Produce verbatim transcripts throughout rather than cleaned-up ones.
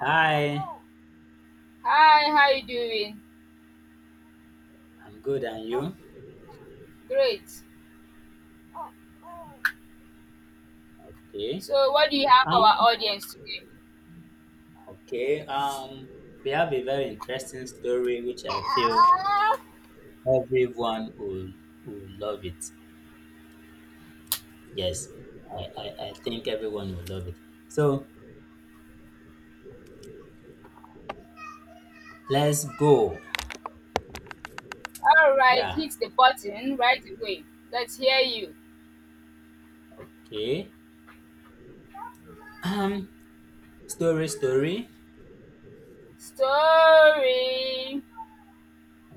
Hi, Hi, how you doing? I'm good, and you? Great. Okay. So, what do you have for Um, our audience today? okay. Um, we have a very interesting story which I feel All everyone will will love it. Yes, I, I, I think everyone will love it. So let's go. right, Yeah. hit the button right away. Let's hear you. Okay. Um, story, story. Story.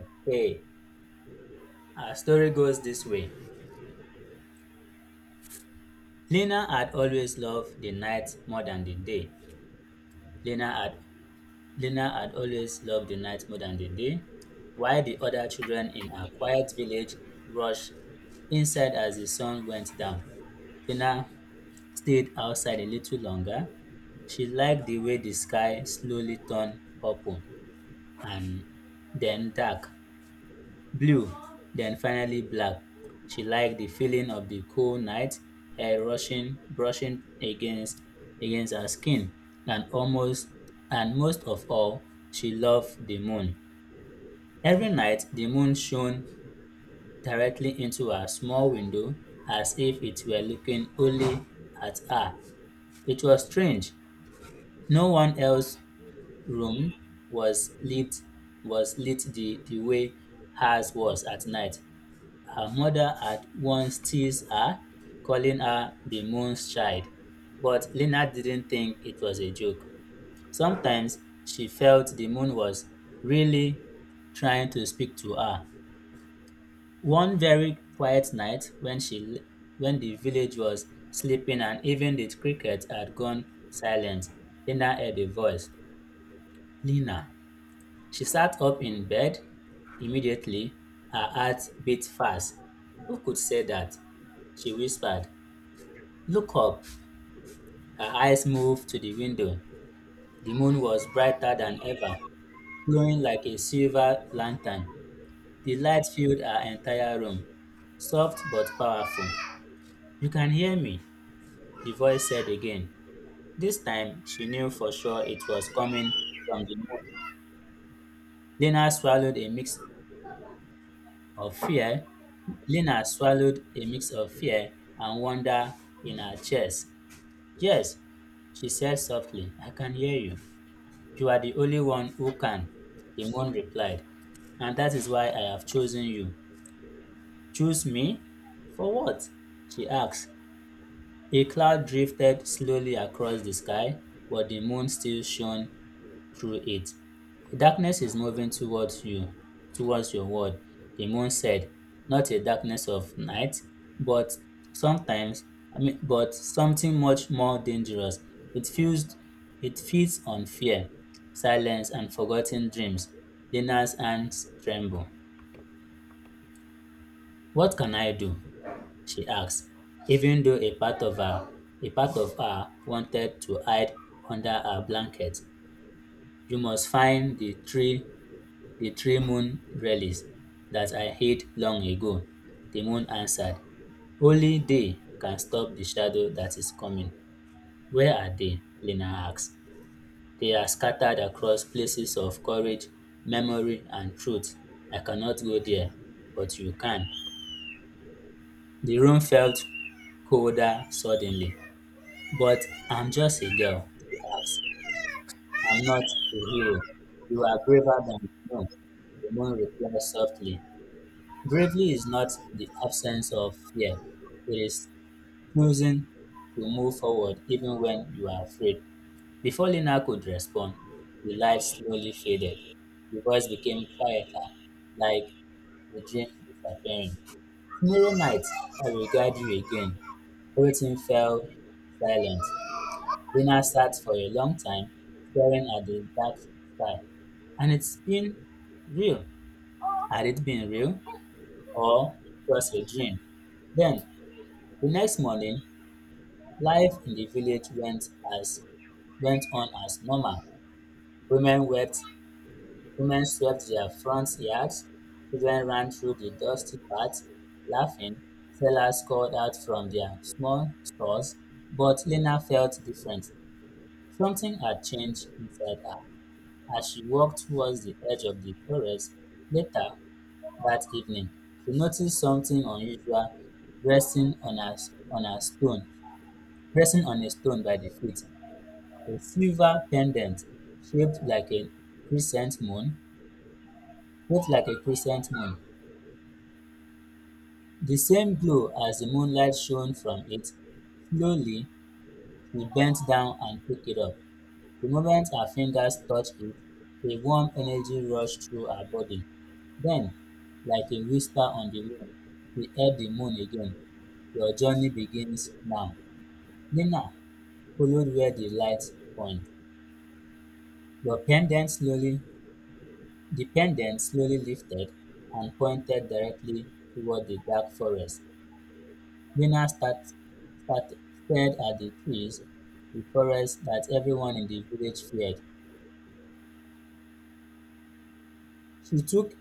Okay. Our story goes this way. Lena had always loved the night more than the day. Lena had Lena had always loved the night more than the day, while the other children in her quiet village rushed inside as the sun went down. Lena stayed outside a little longer. She liked the way the sky slowly turned purple and then dark. Blue, then finally black. She liked the feeling of the cool night air rushing brushing against against her skin and almost and most of all she loved the moon. Every night the moon shone directly into her small window as if it were looking only at her. It was strange. No one else's room was lit was lit the, the way hers was at night. Her mother at once teased her, calling her the moon's child, but Lena didn't think it was a joke. Sometimes she felt the moon was really trying to speak to her. One very quiet night when she when the village was sleeping and even the cricket had gone silent, Lena heard a voice. Lena, she sat up in bed immediately. Her heart beat fast. Who could say that? She whispered. Look up. Her eyes moved to the window. The moon was brighter than ever, glowing like a silver lantern. The light filled her entire room, soft but powerful. You can hear me, the voice said again. This time, she knew for sure it was coming from the moon. Lena swallowed a mixed of fear, Lena swallowed a mix of fear and wonder in her chest. Yes, she said softly, I can hear you. You are the only one who can, the moon replied. And that is why I have chosen you. Choose me? For what? She asked. A cloud drifted slowly across the sky, but the moon still shone through it. A darkness is moving towards you, towards your world, the moon said. Not a darkness of night, but sometimes, I mean, but something much more dangerous. It feels, it feeds on fear, silence, and forgotten dreams. Dina's hands tremble. What can I do? She asked, even though a part of her, a part of her wanted to hide under her blanket. You must find the tree The three moon relics that I hid long ago, the moon answered. Only they can stop the shadow that is coming. Where are they? Lena asked. They are scattered across places of courage, memory and truth. I cannot go there, but you can. The room felt colder suddenly. But I'm just a girl, she asked. I'm not a hero. You are braver than the moon, the moon replied softly. Bravery is not the absence of fear, it is choosing to move forward even when you are afraid. Before Lina could respond, the light slowly faded. The voice became quieter, like a dream disappearing. Tomorrow night, I will guide you again. Everything fell silent. Lina sat for a long time, staring at the dark sky. And it's been real. Had it been real or just a dream? Then The next morning, life in the village went as went on as normal. Women wept, women swept their front yards, children ran through the dusty paths laughing, sellers called out from their small stores, but Lena felt different. Something had changed inside her. As she walked towards the edge of the forest later that evening, she noticed something unusual resting on a, on a stone resting on a stone by the feet, a silver pendant shaped like a crescent moon, shaped like a crescent moon. The same glow as the moonlight shone from it. Slowly, she bent down and picked it up. The moment her fingers touched it, a warm energy rushed through her body. Then, like a whisper on the wind, we heard the moon again. Your journey begins now. Nina followed where the light pointed. Your pendant slowly The pendant slowly lifted and pointed directly toward the dark forest. Lena start, start, stared at the trees, the forest that everyone in the village feared. She took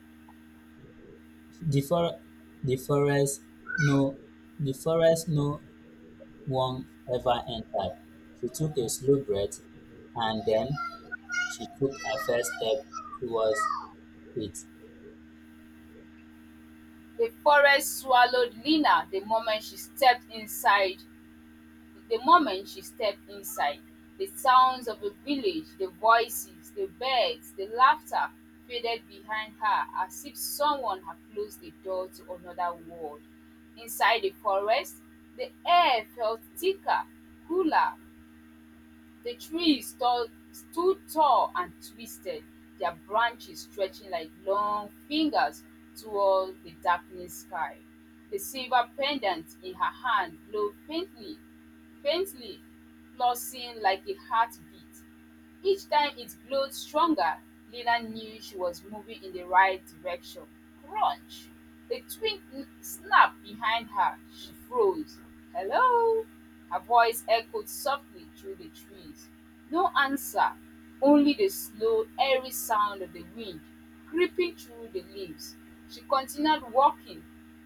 the, for, the forest no the forest no one ever entered. She took a slow breath and then she took her first step towards it. The forest swallowed Lina the moment she stepped inside. The moment she stepped inside, the sounds of the village, the voices, the birds, the laughter faded behind her as if someone had closed the door to another world. Inside the forest, the air felt thicker, cooler. The trees stood stood tall and twisted, their branches stretching like long fingers toward the darkening sky. The silver pendant in her hand glowed faintly, faintly, pulsing like a heartbeat. Each time it glowed stronger, Leela knew she was moving in the right direction. Crunch! A twig snapped behind her. She froze. Hello? Her voice echoed softly through the trees. No answer, only the slow, airy sound of the wind creeping through the leaves. She continued walking,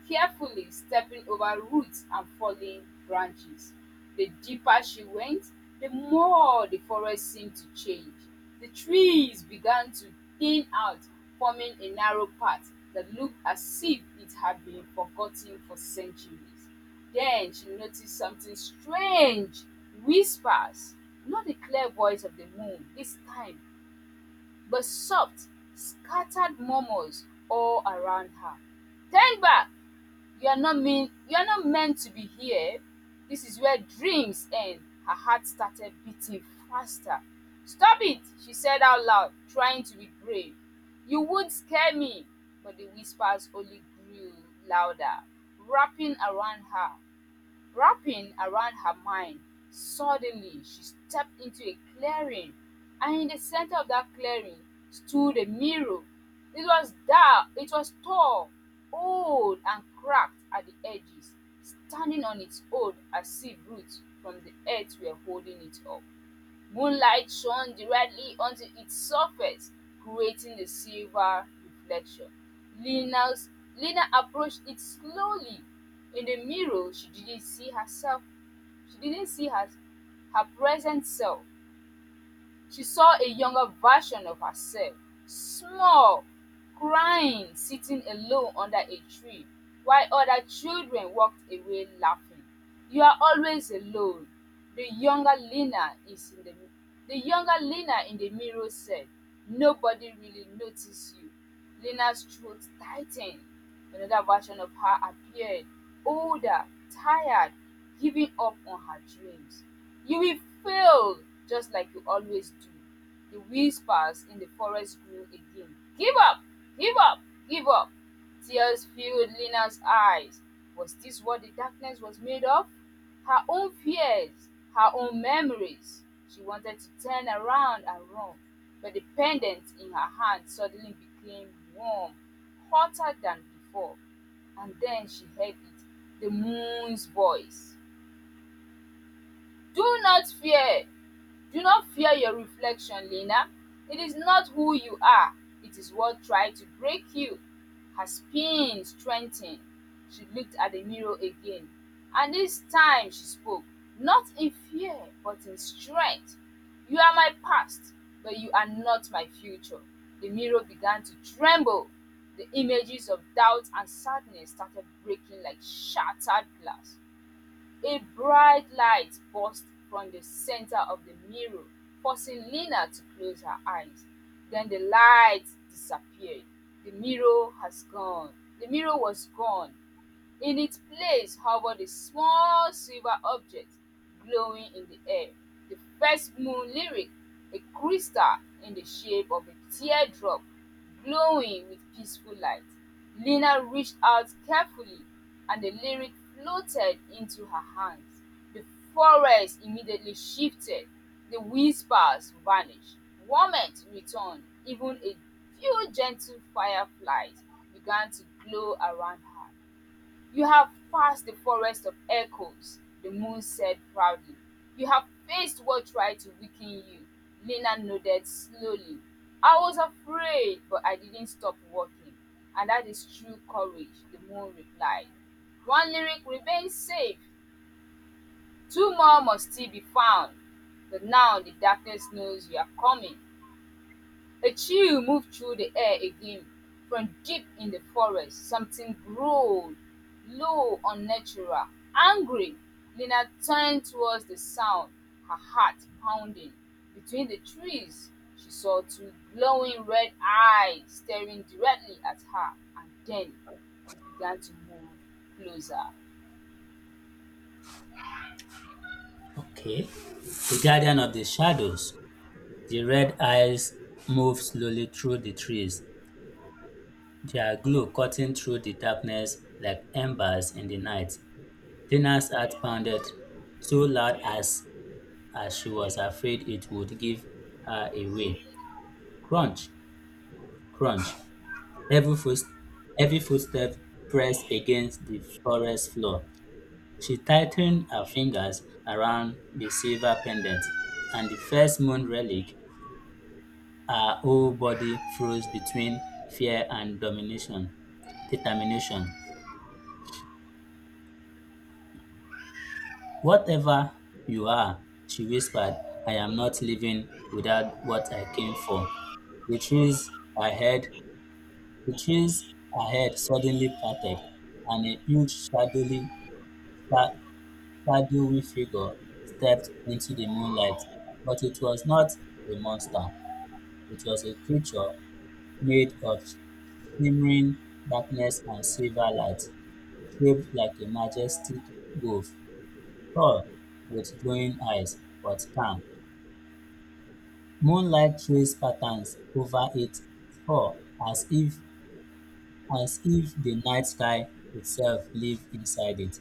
carefully stepping over roots and falling branches. The deeper she went, the more the forest seemed to change. The trees began to thin out, forming a narrow path that looked as if it had been forgotten for centuries. Then she noticed something strange: whispers, not the clear voice of the moon this time, but soft, scattered murmurs all around her. Turn back! You are not mean you are not meant to be here. This is where dreams end. Her heart started beating faster. Stop it, she said out loud, trying to be brave. You would scare me. But the whispers only grew louder, wrapping around her, wrapping around her mind. Suddenly she stepped into a clearing, and in the center of that clearing stood a mirror. It was dark, it was tall, old, and cracked at the edges, standing on its own as if roots from the earth were holding it up. Moonlight shone directly onto its surface, creating the silver reflection. Lina's, Lina approached it slowly. In the mirror, she didn't see herself. She didn't see her, her present self. She saw a younger version of herself, small, crying, sitting alone under a tree, while other children walked away laughing. You are always alone, The younger Lena is in the the younger Lena in the mirror said. Nobody really noticed you. Lena's throat tightened. Another version of her appeared, older, tired, giving up on her dreams. You will fail, just like you always do. The whispers in the forest grew again. Give up! Give up! Give up! Tears filled Lena's eyes. Was this what the darkness was made of? Her own fears, her own memories. She wanted to turn around and run, but the pendant in her hand suddenly became warm, hotter than before. And then she heard it, the moon's voice. Do not fear. Do not fear your reflection, Lena. It is not who you are, it is what tried to break you. Her spine strengthened. She looked at the mirror again, and this time she spoke, not in fear, but in strength. You are my past, but you are not my future. The mirror began to tremble. The images of doubt and sadness started breaking like shattered glass. A bright light burst from the center of the mirror, forcing Lena to close her eyes. Then the light disappeared. The mirror has gone. The mirror was gone. In its place hovered a small silver object glowing in the air, the first moon lyric, a crystal in the shape of a teardrop glowing with peaceful light. Lina reached out carefully and the lyric floated into her hands. The forest immediately shifted. The whispers vanished. Warmth returned. Even a few gentle fireflies began to glow around her. You have passed the forest of echoes, the moon said proudly. You have faced what tried to weaken you. Lena nodded slowly. I was afraid, but I didn't stop walking. And that is true courage, the moon replied. One lyric remains safe, two more must still be found. But now the darkness knows you are coming. A chill moved through the air again. From deep in the forest, something growled, low, unnatural, angry. Lena turned towards the sound, her heart pounding. Between the trees, she saw two glowing red eyes staring directly at her, and then they began to move closer. Okay. The guardian of the shadows. The red eyes moved slowly through the trees, their glow cutting through the darkness like embers in the night. Lina's heart pounded so loud, as, as she was afraid it would give her away. Crunch, crunch. Every, foot, every footstep pressed against the forest floor. She tightened her fingers around the silver pendant, and the first moon relic. Our whole body froze between fear and domination determination. Whatever you are, she whispered, I am not leaving without what I came for. The trees ahead, the trees ahead suddenly parted, and a huge shadowy, sha- shadowy figure stepped into the moonlight. But it was not a monster. It was a creature made of shimmering darkness and silver light, shaped like a majestic wolf, tall, with glowing eyes, but calm. Moonlight traces patterns over its fur as if as if the night sky itself lived inside it.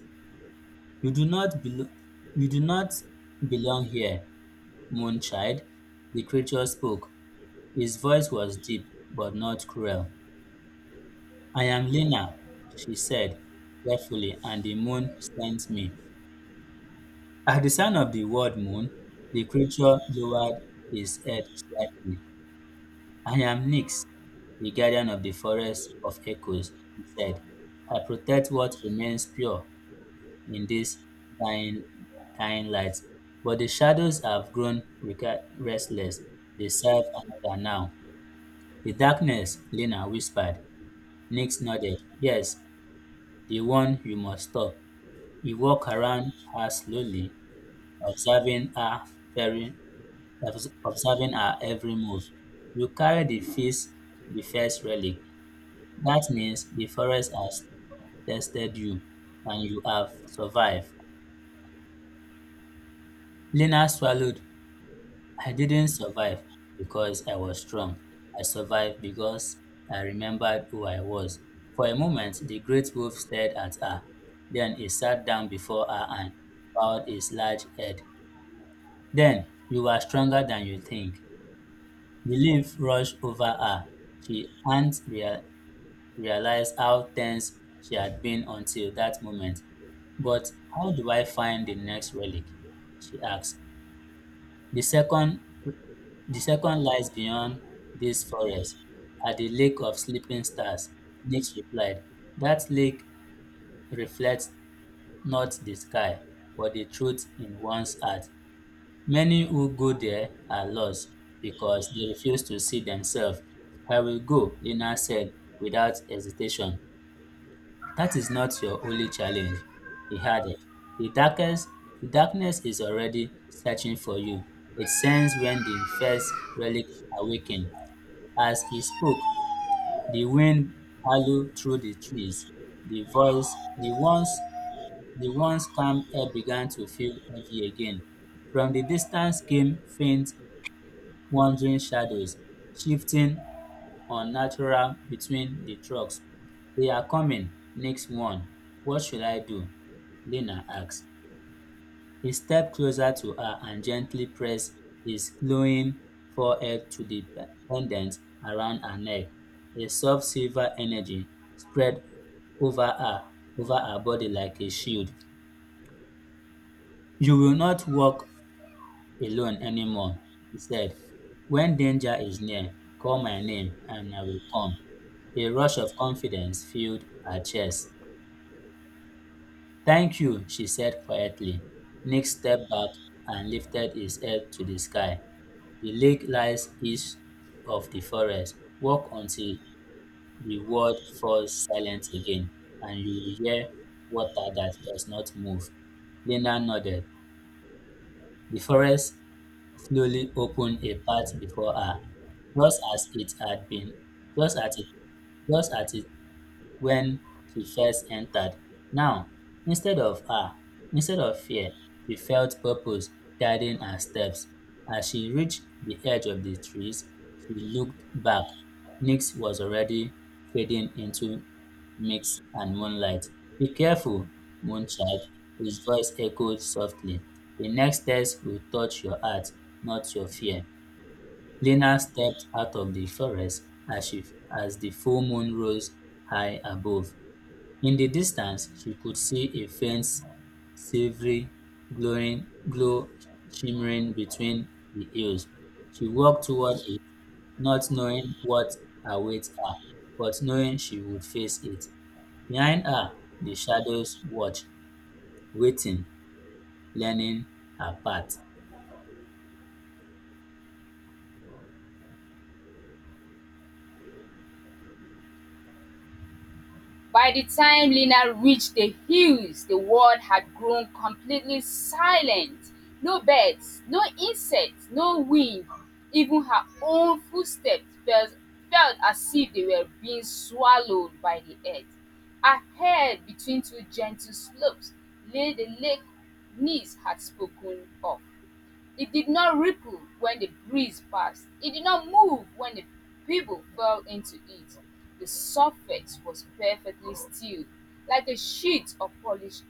You do not belo- you do not belong here, Moonchild, the creature spoke. His voice was deep but not cruel. I am Lena, she said carefully, and the moon sent me. At the sound of the word moon, the creature lowered his head slightly. I am Nyx, the guardian of the forest of echoes, he said. I protect what remains pure in this dying, dying light. But the shadows have grown reca- restless. They serve another now. The darkness, Lena whispered. Nyx nodded. Yes, the one you must stop. He walked around her slowly, observing her very obs- observing her every move. You carry the feast, the first relic. That means the forest has tested you and you have survived. Lena swallowed. I didn't survive because I was strong. I survived because I remembered who I was. For a moment, the great wolf stared at her. Then he sat down before her and bowed his large head. Then, you are stronger than you think. The lift rushed over her. She hadn't rea- realized how tense she had been until that moment. But how do I find the next relic? She asked. The second, the second lies beyond this forest, at the lake of sleeping stars, Nix replied. That lake reflects not the sky, but the truth in one's heart. Many who go there are lost because they refuse to see themselves. I will go, Lena said without hesitation. That is not your only challenge, he added. The darkest the darkness is already searching for you. It sends when the first relic awakened. As he spoke, the wind howled through the trees. The voice the once the once calm air began to feel heavy again. From the distance came faint wandering shadows shifting unnatural between the trucks. They're coming, Nick warned. What should I do? Lena asked. He stepped closer to her and gently pressed his glowing forehead to the pendant around her neck. A soft silver energy spread over her over her body like a shield. You will not walk alone anymore, he said. When danger is near, call my name and I will come. A rush of confidence filled her chest. Thank you, she said quietly. Nick stepped back and lifted his head to the sky. The lake lies east of the forest. Walk until the world falls silent again, and you will hear water that does not move. Linda nodded. The forest slowly opened a path before her, just as it had been just as it just as it when she first entered. Now, instead of ah, instead of fear, she felt purpose guiding her steps. As she reached the edge of the trees, she looked back. Nix was already fading into mist and moonlight. Be careful, moonchild, his voice echoed softly. The next test will touch your heart, not your fear. Lena stepped out of the forest as, she, as the full moon rose high above. In the distance she could see a faint silvery glowing, glow shimmering between the hills. She walked toward it, not knowing what awaits her, but knowing she would face it. Behind her, the shadows watched, waiting, learning her path. By the time Lena reached the hills, the world had grown completely silent. No birds, no insects, no wind. Even her own footsteps felt, felt as if they were being swallowed by the earth. Ahead, between two gentle slopes, lay the lake Nice had spoken of. It did not ripple when the breeze passed. It did not move when the people fell into it. The surface was perfectly still, like a sheet of polished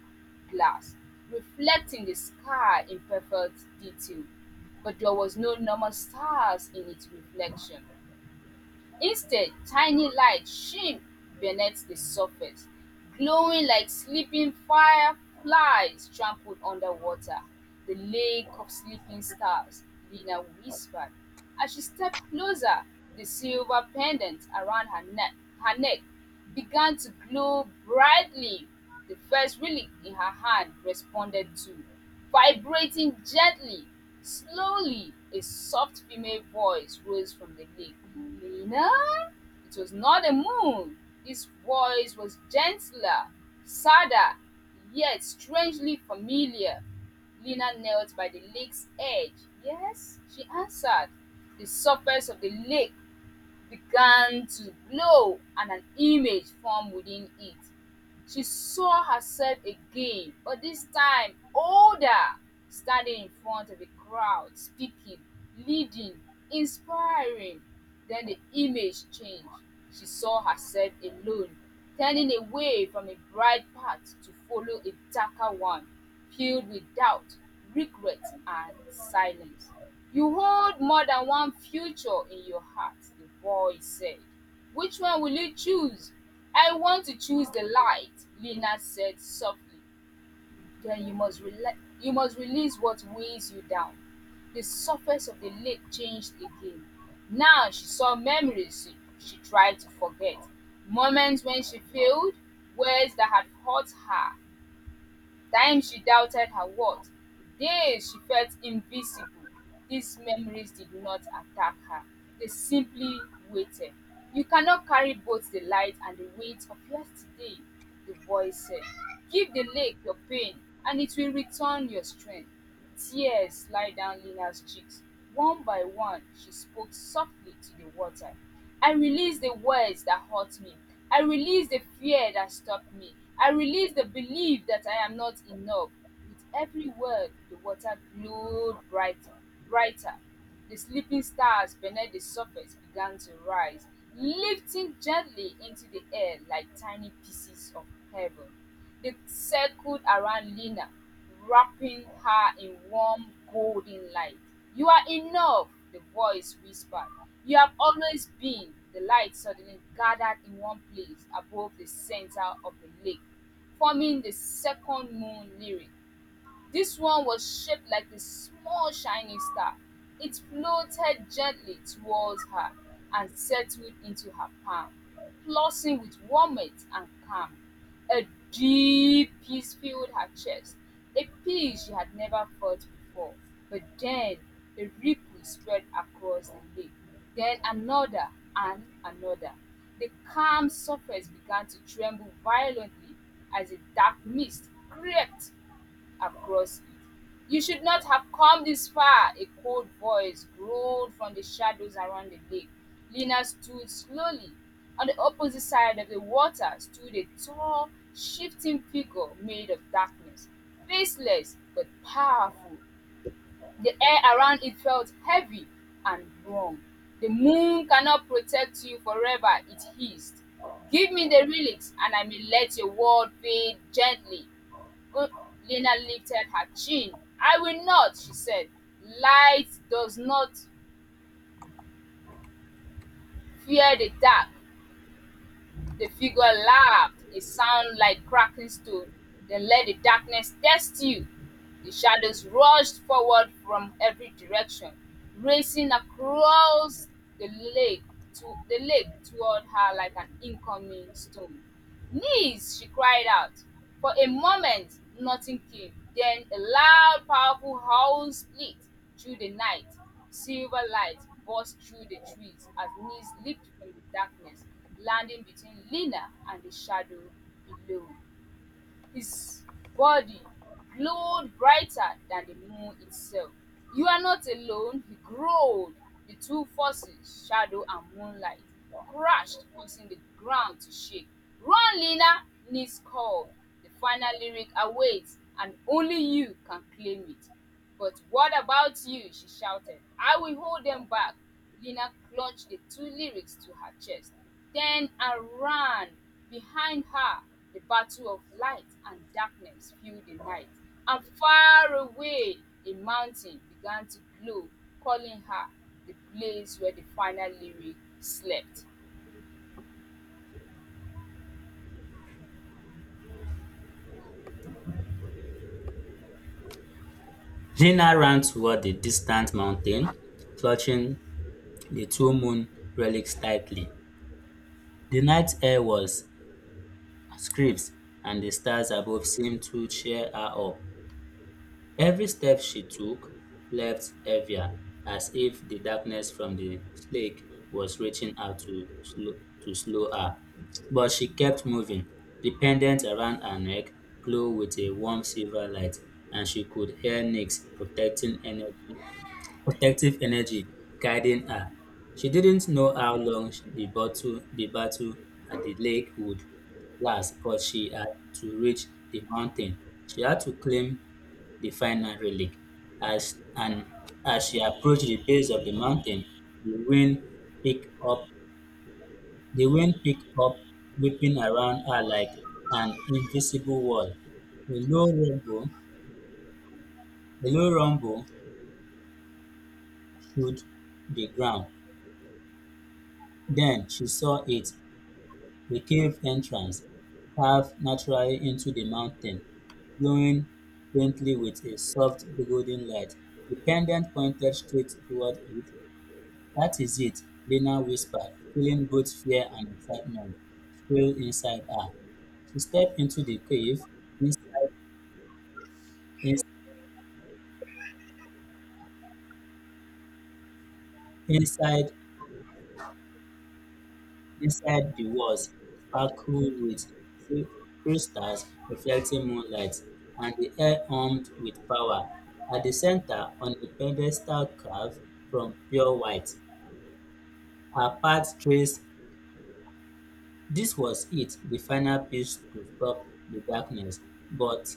glass, reflecting the sky in perfect detail. But there was no normal stars in its reflection. Instead, tiny lights shimmed beneath the surface, glowing like sleeping fireflies trampled underwater. The lake of sleeping stars, Lina whispered. As she stepped closer, the silver pendant around her neck, her neck began to glow brightly. The first relic in her hand responded too, vibrating gently. Slowly, a soft female voice rose from the lake. "Lena?" It was not the moon. This voice was gentler, sadder, yet strangely familiar. Lena knelt by the lake's edge. "Yes?" she answered. The surface of the lake began to glow and an image formed within it. She saw herself again, but this time older, standing in front of a crowd, speaking, leading, inspiring. Then the image changed. She saw herself alone, turning away from a bright path to follow a darker one, filled with doubt, regret, and silence. You hold more than one future in your heart, the voice said. Which one will you choose? "I want to choose the light," Lena said softly. "Then you must, rela- you must release what weighs you down." The surface of the lake changed again. Now she saw memories she, she tried to forget, moments when she failed, words that had hurt her, times she doubted her worth, days she felt invisible. These memories did not attack her, they simply waited. You cannot carry both the light and the weight of yesterday, the voice said. Give the lake your pain, and it will return your strength. Tears slid down Lena's cheeks. One by one, she spoke softly to the water. I release the words that hurt me. I release the fear that stopped me. I release the belief that I am not enough. With every word, the water glowed bright, brighter. The sleeping stars beneath the surface began to rise, lifting gently into the air like tiny pieces of heaven. They circled around Lena, wrapping her in warm, golden light. "You are enough," the voice whispered. "You have always been." The light suddenly gathered in one place above the center of the lake, forming the second moon lyric. This one was shaped like a small shining star. It floated gently towards her and settled into her palm, pulsing with warmth and calm. A deep peace filled her chest, a peace she had never felt before. But then a ripple spread across the lake, then another and another. The calm surface began to tremble violently as a dark mist crept across it. You should not have come this far, a cold voice growled from the shadows around the lake. Lena stood slowly. On the opposite side of the water stood a tall, shifting figure made of darkness, faceless but powerful. The air around it felt heavy and wrong. The moon cannot protect you forever, it hissed. Give me the relics and I may let your world fade gently. Good. Lena lifted her chin. I will not, she said. Light does not fear the dark. The figure laughed, a sound like cracking stone. Then let the darkness test you! The shadows rushed forward from every direction, racing across the lake to the lake toward her like an incoming storm. Knees, she cried out. For a moment, nothing came. Then a loud, powerful howl split through the night. Silver light burst through the trees as knees leaped from the darkness, landing between Lena and the shadow below. His body glowed brighter than the moon itself. "You are not alone," he growled. The two forces, shadow and moonlight, crashed, causing the ground to shake. "Run, Lena!" Nick called. The final lyric awaits, and only you can claim it. But what about you? She shouted. I will hold them back. Lina clutched the two lyrics to her chest, then I ran. Behind her, the battle of light and darkness filled the night, and far away, a mountain began to glow, calling her the place where the final lyric slept. Lina ran toward the distant mountain, clutching the two moon relics tightly. The night air was scripts and the stars above seemed to cheer her up. Every step she took left heavier, as if the darkness from the lake was reaching out to slow, to slow her. But she kept moving. The pendant around her neck glowed with a warm silver light, and she could hear Nyx protecting energy protective energy guiding her. She didn't know how long the battle, the battle at the lake would last, but she had to reach the mountain. She had to claim the final relic. As and as she approached the base of the mountain, the wind picked up the wind picked up, whipping around her like an invisible wall. A low rumble, a low rumble shook the ground. Then she saw it, the cave entrance, carved naturally into the mountain, glowing faintly with a soft golden light. The pendant pointed straight toward it. That is it, Lena whispered, feeling both fear and excitement swirl inside her. She stepped into the cave. Inside, ins- inside Inside, the walls sparkled with si- crystals reflecting moonlight, and the air hummed with power. At the center, on a pedestal carved from pure white, her path traced. This was it, the final piece to stop the darkness. But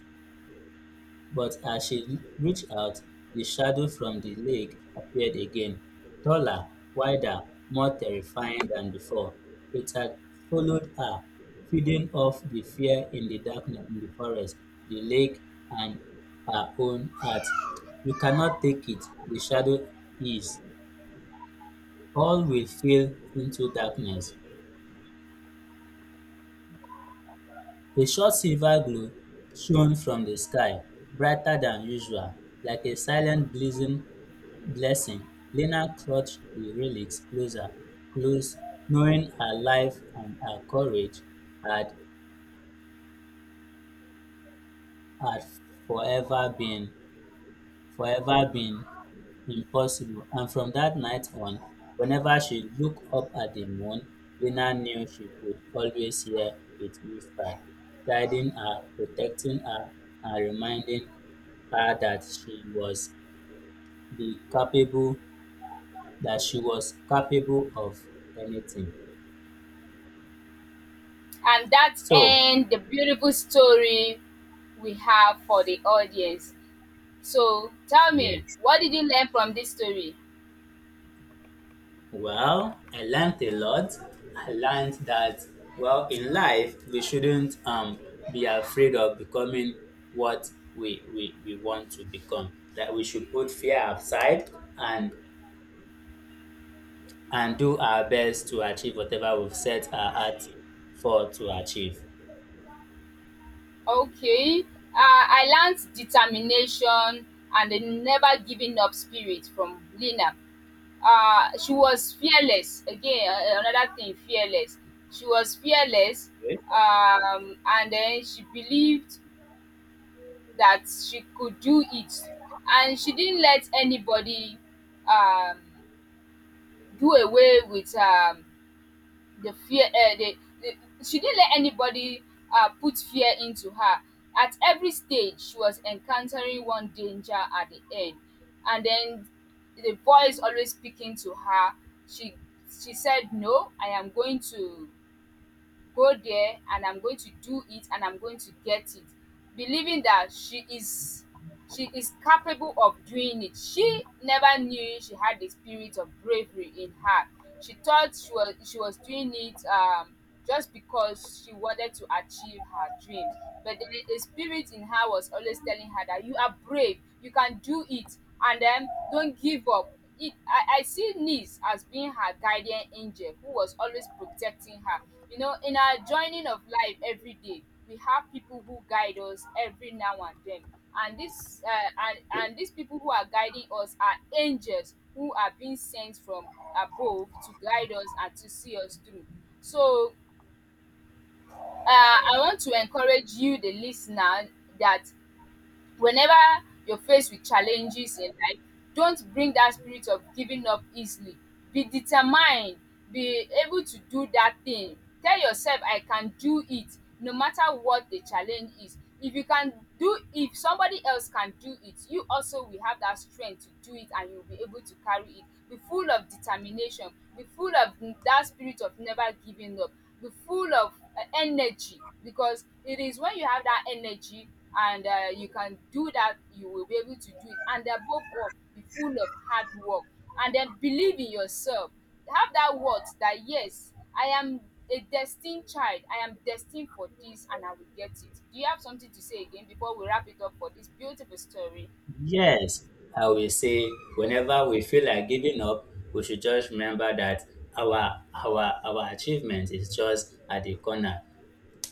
But as she reached out, the shadow from the lake appeared again, taller, wider, more terrifying than before. It had followed her, feeding off the fear in the darkness in the forest, the lake, and her own heart. You cannot take it, the shadow is. All will fade into darkness. A short silver glow shone from the sky, brighter than usual. Like a silent blessing, blessing, Lena clutched the relics closer, close, knowing her life and her courage had, had forever been forever been impossible, and from that night on, whenever she looked up at the moon, Lena knew she could always hear it whisper, guiding her, protecting her, and reminding her that she was the capable that she was capable of anything. And that So ends the beautiful story we have for the audience. So tell me, yes. what did you learn from this story? Well, I learned a lot. I learned that, well, in life, we shouldn't um, be afraid of becoming what we, we, we want to become. That we should put fear aside and and do our best to achieve whatever we've set our heart for to achieve. Okay. Uh, I learned determination and the never giving up spirit from Lena. Uh, she was fearless. Again, a- another thing, fearless. She was fearless, Okay? um, and then she believed that she could do it, and she didn't let anybody um, do away with her the fear uh, the, the She didn't let anybody uh, put fear into her. At every stage she was encountering one danger at the end, and then the voice always speaking to her, she she said, no, I am going to go there and I'm going to do it and I'm going to get it, believing that she is she is capable of doing it. She never knew she had the spirit of bravery in her. She thought she was she was doing it um, just because she wanted to achieve her dreams, but the, the spirit in her was always telling her that you are brave, you can do it, and then don't give up. it, I, I see niece as being her guardian angel who was always protecting her. You know, in our joining of life every day, we have people who guide us every now and then. And this uh, and, and these people who are guiding us are angels who are being sent from above to guide us and to see us through. So uh, I want to encourage you, the listener, that whenever you're faced with challenges in life, don't bring that spirit of giving up easily. Be determined, be able to do that thing. Tell yourself, I can do it, no matter what the challenge is. If you can do if somebody else can do it, you also will have that strength to do it and you'll be able to carry it. Be full of determination, be full of that spirit of never giving up, be full of uh, energy, because it is when you have that energy and uh, you can do that, you will be able to do it. And above all, be full of hard work, and then believe in yourself. Have that word that yes, I am a destined child, I am destined for this and I will get it. Do you have something to say again before we wrap it up for this beautiful story? Yes, I will say whenever we feel like giving up, we should just remember that our our our achievement is just at the corner.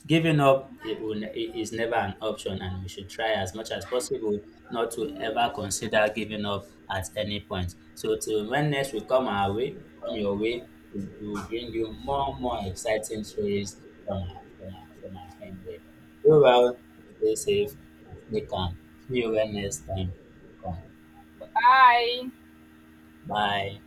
Giving up it will ne- is never an option, and we should try as much as possible not to ever consider giving up at any point. So, till when next we come our way, come your way, we we will bring you more more exciting stories from our, from our, from our friend here. Go well, stay safe, and stay calm. See you when next time you come. Bye. Bye.